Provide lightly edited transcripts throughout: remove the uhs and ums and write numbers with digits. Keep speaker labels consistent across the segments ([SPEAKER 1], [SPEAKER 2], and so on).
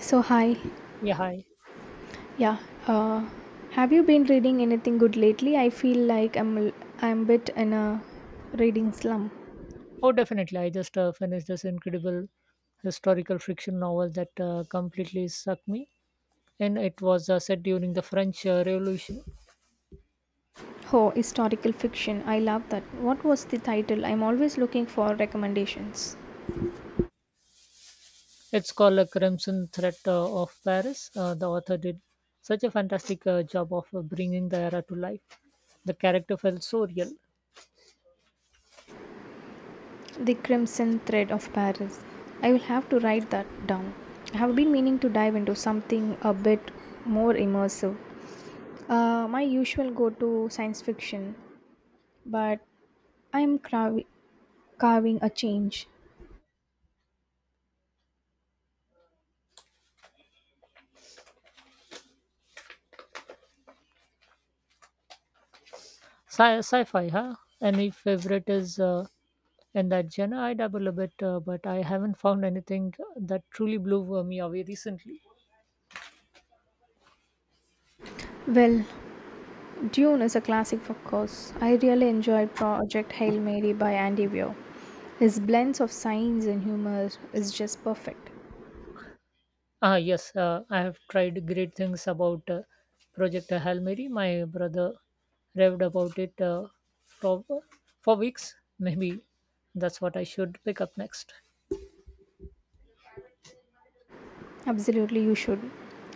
[SPEAKER 1] So, hi.
[SPEAKER 2] Yeah, hi.
[SPEAKER 1] Yeah. Uh, have you been reading anything good lately? I feel like I'm a bit in a reading slump.
[SPEAKER 2] Oh, definitely. I just finished this incredible historical fiction novel that completely sucked me. And it was set during the French Revolution.
[SPEAKER 1] Oh, historical fiction. I love that. What was the title? I'm always looking for recommendations.
[SPEAKER 2] It's called A Crimson Threat of Paris. The author did such a fantastic job of bringing the era to life. The character felt so real.
[SPEAKER 1] The Crimson Thread of Paris. I will have to write that down. I have been meaning to dive into something a bit more immersive. My usual go to science fiction, but I'm crav- carving a change.
[SPEAKER 2] Sci-fi, huh? Any favorite is in that genre? I dabble a bit, but I haven't found anything that truly blew me away recently.
[SPEAKER 1] Well, Dune is a classic, of course. I really enjoyed Project Hail Mary by Andy Weir. His blends of science and humor is just perfect.
[SPEAKER 2] Ah, yes, I have tried great things about Project Hail Mary. My brother raved about it for, for weeks. Maybe that's what I should pick up next.
[SPEAKER 1] Absolutely, you should.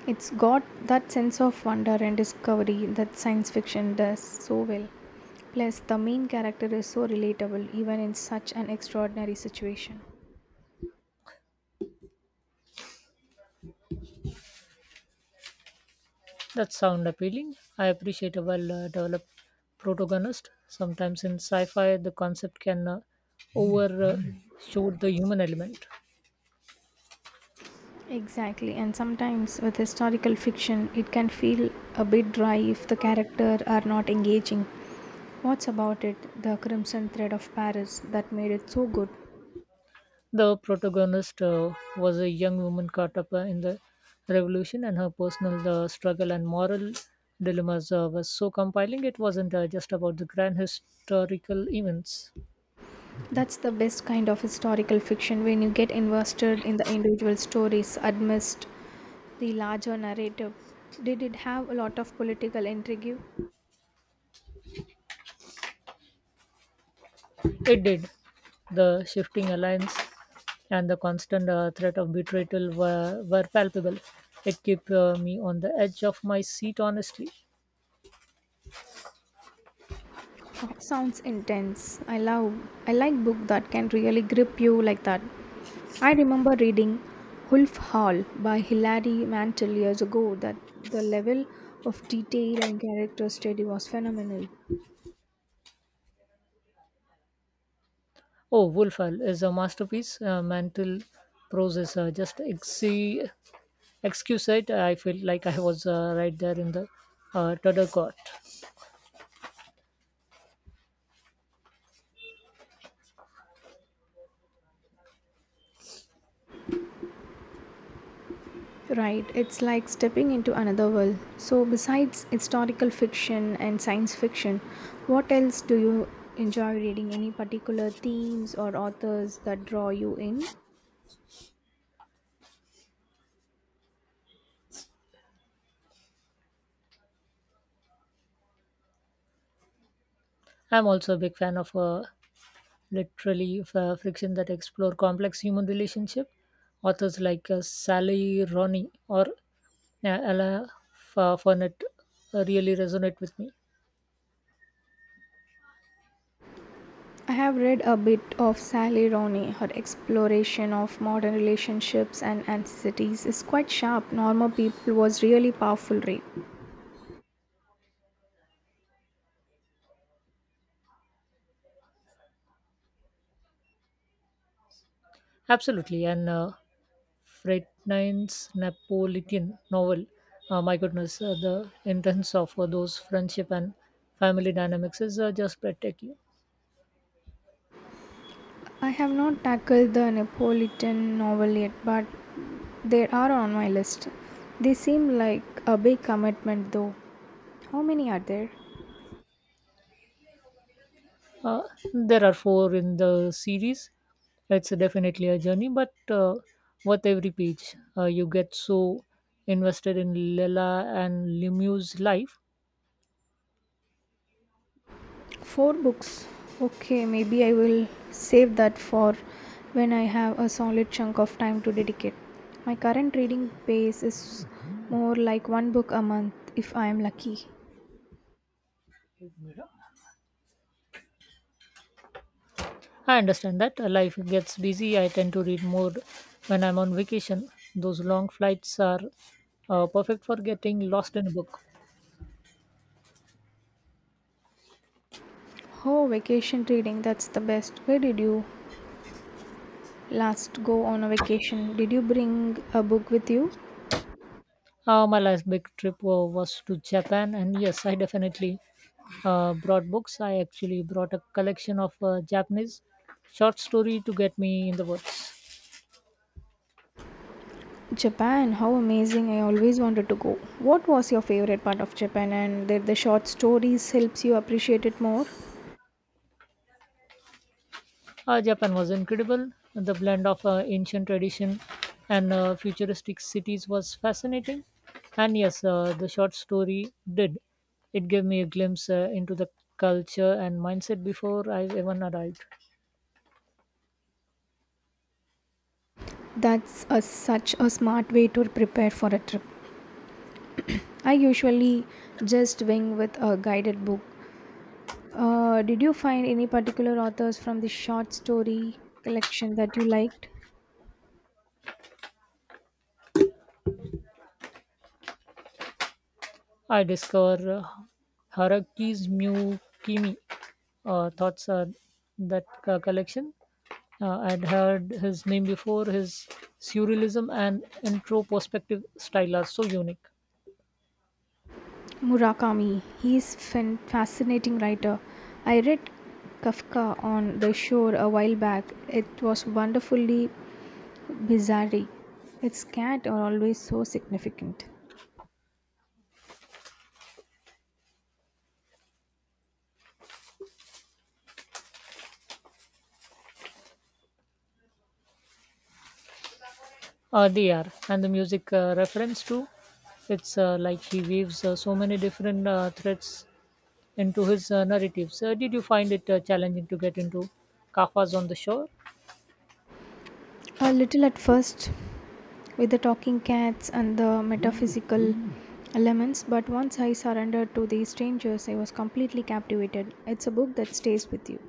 [SPEAKER 1] It's got that sense of wonder and discovery that science fiction does so well. Plus, the main character is so relatable even in such an extraordinary situation.
[SPEAKER 2] That sound appealing. I appreciate a well developed protagonist. Sometimes in sci fi, the concept can overshoot the human element.
[SPEAKER 1] Exactly, and sometimes with historical fiction, it can feel a bit dry if the character are not engaging. What's about it, the crimson thread of Paris, that made it so good?
[SPEAKER 2] The protagonist was a young woman caught up in the revolution, and her personal struggle and moral dilemmas was so compelling. It wasn't just about the grand historical events.
[SPEAKER 1] That's the best kind of historical fiction when you get invested in the individual stories amidst the larger narrative. Did it have a lot of political intrigue?
[SPEAKER 2] It did. The shifting alliance and the constant threat of betrayal were palpable. It kept me on the edge of my seat, honestly.
[SPEAKER 1] Oh, sounds intense. I like book that can really grip you like that. I remember reading Wolf Hall by Hilary Mantel years ago that the level of detail and character study was phenomenal.
[SPEAKER 2] Oh, Wolfhall is a masterpiece. Mantle prose is just excuse it. I feel like I was right there in the total court.
[SPEAKER 1] Right, it's like stepping into another world. So besides historical fiction and science fiction, what else do you enjoy reading? Any particular themes or authors that draw you in?
[SPEAKER 2] I'm also a big fan of literally friction that explore complex human relationship, authors like Sally Roney or Ella Fournette really resonate with me.
[SPEAKER 1] I have read a bit of Sally Rooney. Her exploration of modern relationships and anxieties is quite sharp. Normal People was really powerful read.
[SPEAKER 2] Absolutely, and Frednin's Napolitan novel. My goodness, the intense of those friendship and family dynamics is just breathtaking.
[SPEAKER 1] I have not tackled the Napolitan novel yet, but they are on my list. They seem like a big commitment though. How many are there?
[SPEAKER 2] Uh, there are four in the series. It's definitely a journey, but worth every page. You get so invested in Lela and Lemieux's life.
[SPEAKER 1] Four books. Okay, maybe I will save that for when I have a solid chunk of time to dedicate. My current reading pace is more like one book a month if I am lucky.
[SPEAKER 2] I understand that. Life gets busy. I tend to read more when I'm on vacation. Those long flights are perfect for getting lost in a book.
[SPEAKER 1] Oh, vacation reading, that's the best. Where did you last go on a vacation? Did you bring a book with you?
[SPEAKER 2] My last big trip was to Japan, and yes, I definitely brought books. I actually brought a collection of Japanese short story to get me in the woods.
[SPEAKER 1] Japan, how amazing. I always wanted to go. What was your favorite part of Japan and did the short stories helps you appreciate it more?
[SPEAKER 2] Japan was incredible. The blend of ancient tradition and futuristic cities was fascinating. And yes, the short story did. It gave me a glimpse into the culture and mindset before I even arrived.
[SPEAKER 1] Such a smart way to prepare for a trip. I usually just wing with a guided book. Did you find any particular authors from the short story collection that you liked?
[SPEAKER 2] I discovered Haraki's Mukimi thoughts on that collection. I'd heard his name before. His surrealism and introspective style are so unique.
[SPEAKER 1] Murakami. He's a fascinating writer. I read Kafka on the shore a while back. It was wonderfully bizarre. Its cat are always so significant.
[SPEAKER 2] They are, and the music reference too. It's like he weaves so many different threads into his narratives. Did you find it challenging to get into Kafka's on the shore?
[SPEAKER 1] A little at first, with the talking cats and the metaphysical elements, but once I surrendered to these strangers, I was completely captivated. It's a book that stays with you.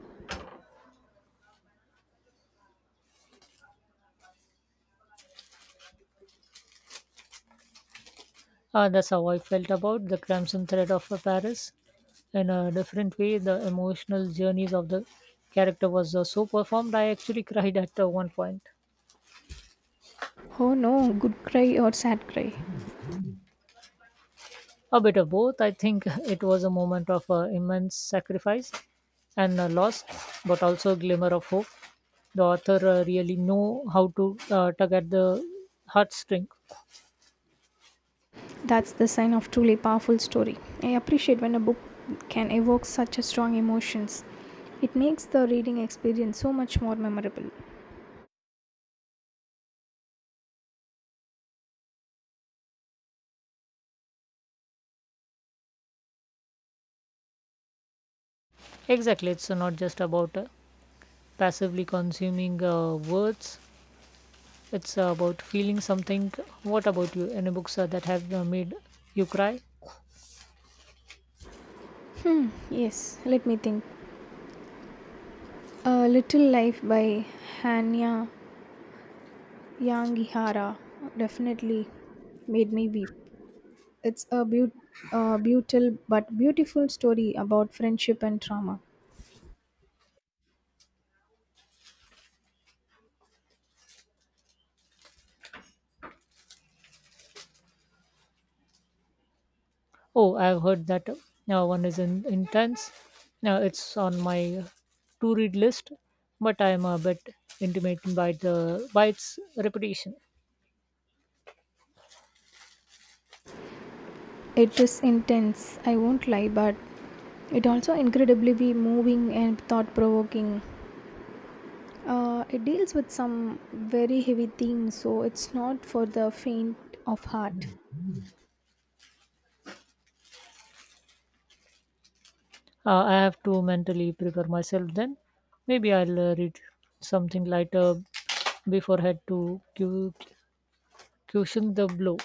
[SPEAKER 2] Ah, that's how I felt about the crimson thread of Paris. In a different way, the emotional journeys of the character was so performed. I actually cried at one point.
[SPEAKER 1] Oh no, good cry or sad cry?
[SPEAKER 2] A bit of both. I think it was a moment of immense sacrifice and loss, but also a glimmer of hope. The author really know how to tug at the heartstring.
[SPEAKER 1] That's the sign of truly powerful story. I appreciate when a book can evoke such a strong emotions. It makes the reading experience so much more memorable.
[SPEAKER 2] Exactly, it's not just about passively consuming words. It's about feeling something. What about you? Any books that have made you cry?
[SPEAKER 1] Hmm, yes, let me think. A Little Life by Hanya Yangihara definitely made me weep. It's a brutal but beautiful story about friendship and trauma.
[SPEAKER 2] Oh, I've heard that now one is intense. Now it's on my to read list, but I'm a bit intimidated by its reputation.
[SPEAKER 1] It is intense, I won't lie, but it also incredibly be moving and thought provoking. It deals with some very heavy themes, so it's not for the faint of heart.
[SPEAKER 2] I have to mentally prepare myself. Then maybe I'll read something lighter before head to cushion the blow.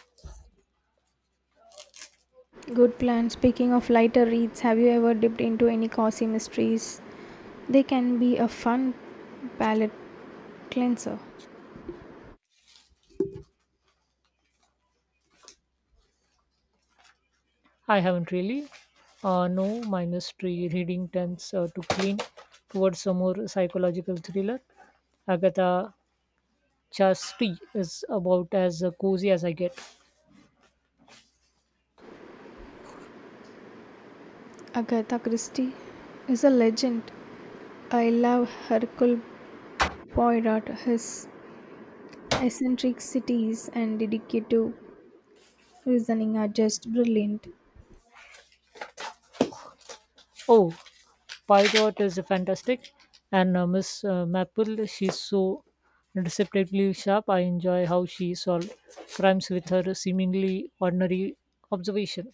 [SPEAKER 1] Good plan. Speaking of lighter reads, have you ever dipped into any cozy mysteries? They can be a fun palate cleanser.
[SPEAKER 2] I haven't really. No, minus tree reading tends to clean towards a more psychological thriller. Agatha Christie is about as cozy as I get.
[SPEAKER 1] Agatha Christie is a legend. I love Hercule Poirot, his eccentricities and dedicative reasoning are just brilliant.
[SPEAKER 2] Oh, Pygot is fantastic, and Miss Maple, she's so deceptively sharp. I enjoy how she solved crimes with her seemingly ordinary observation.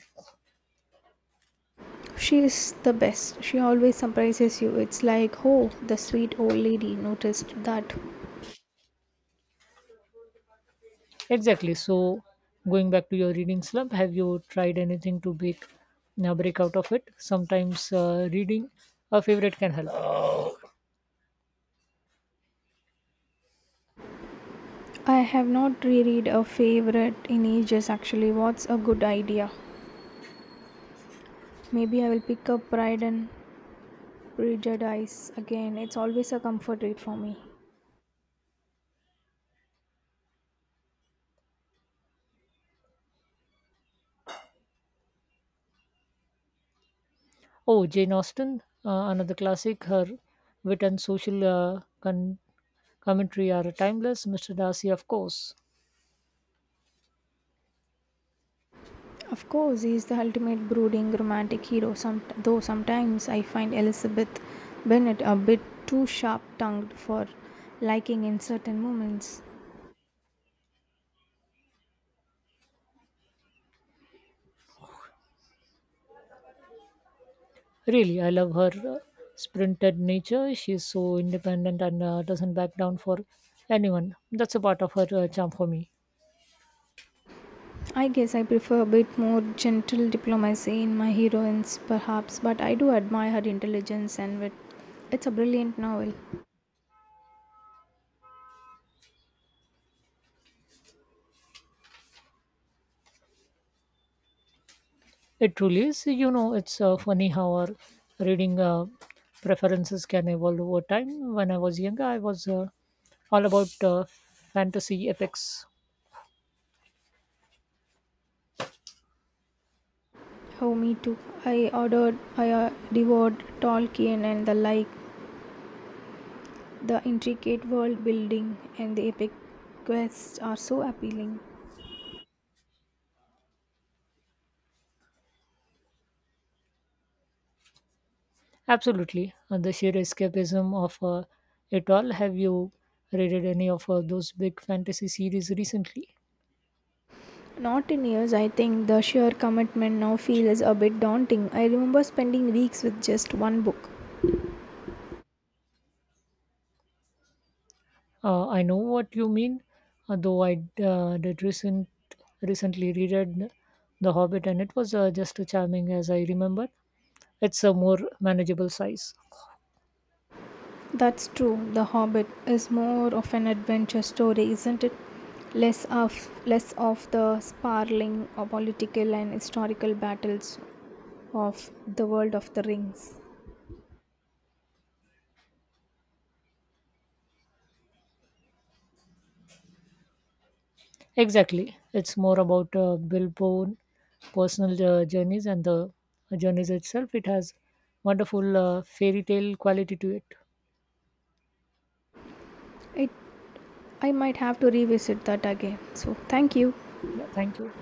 [SPEAKER 1] She is the best. She always surprises you. It's like, oh, the sweet old lady noticed that.
[SPEAKER 2] Exactly. So, going back to your reading slump, have you tried anything to break now break out of it? Sometimes reading a favorite can help.
[SPEAKER 1] I have not reread a favorite in ages actually. What's a good idea? Maybe I will pick up Pride and Prejudice again. It's always a comfort read for me.
[SPEAKER 2] Oh, Jane Austen, another classic. Her wit and social commentary are timeless. Mr. Darcy, of course.
[SPEAKER 1] Of course, he is the ultimate brooding romantic hero, though sometimes I find Elizabeth Bennet a bit too sharp tongued for liking in certain moments.
[SPEAKER 2] Really, I love her uh, sprinted nature. She's so independent and doesn't back down for anyone. That's a part of her charm for me.
[SPEAKER 1] I guess I prefer a bit more gentle diplomacy in my heroines, perhaps, but I do admire her intelligence and wit. It's a brilliant novel.
[SPEAKER 2] It truly is. You know, it's funny how our reading preferences can evolve over time. When I was younger, I was all about fantasy epics.
[SPEAKER 1] Oh, me too. I ordered, I devoured Tolkien and the like. The intricate world building and the epic quests are so appealing.
[SPEAKER 2] Absolutely. And the sheer escapism of it all. Have you read any of those big fantasy series recently?
[SPEAKER 1] Not in years, I think the sheer commitment now feels a bit daunting. I remember spending weeks with just one book.
[SPEAKER 2] I know what you mean, although I did recently reread The Hobbit, and it was just as charming as I remembered. It's a more manageable size.
[SPEAKER 1] That's true, The Hobbit is more of an adventure story, isn't it? Less of less of the sparling or political and historical battles of the world of the rings.
[SPEAKER 2] Exactly. It's more about Billboard personal journeys and the journeys itself. It has wonderful fairy tale quality to it.
[SPEAKER 1] It I might have to revisit that again. So thank you.
[SPEAKER 2] Yeah, thank you.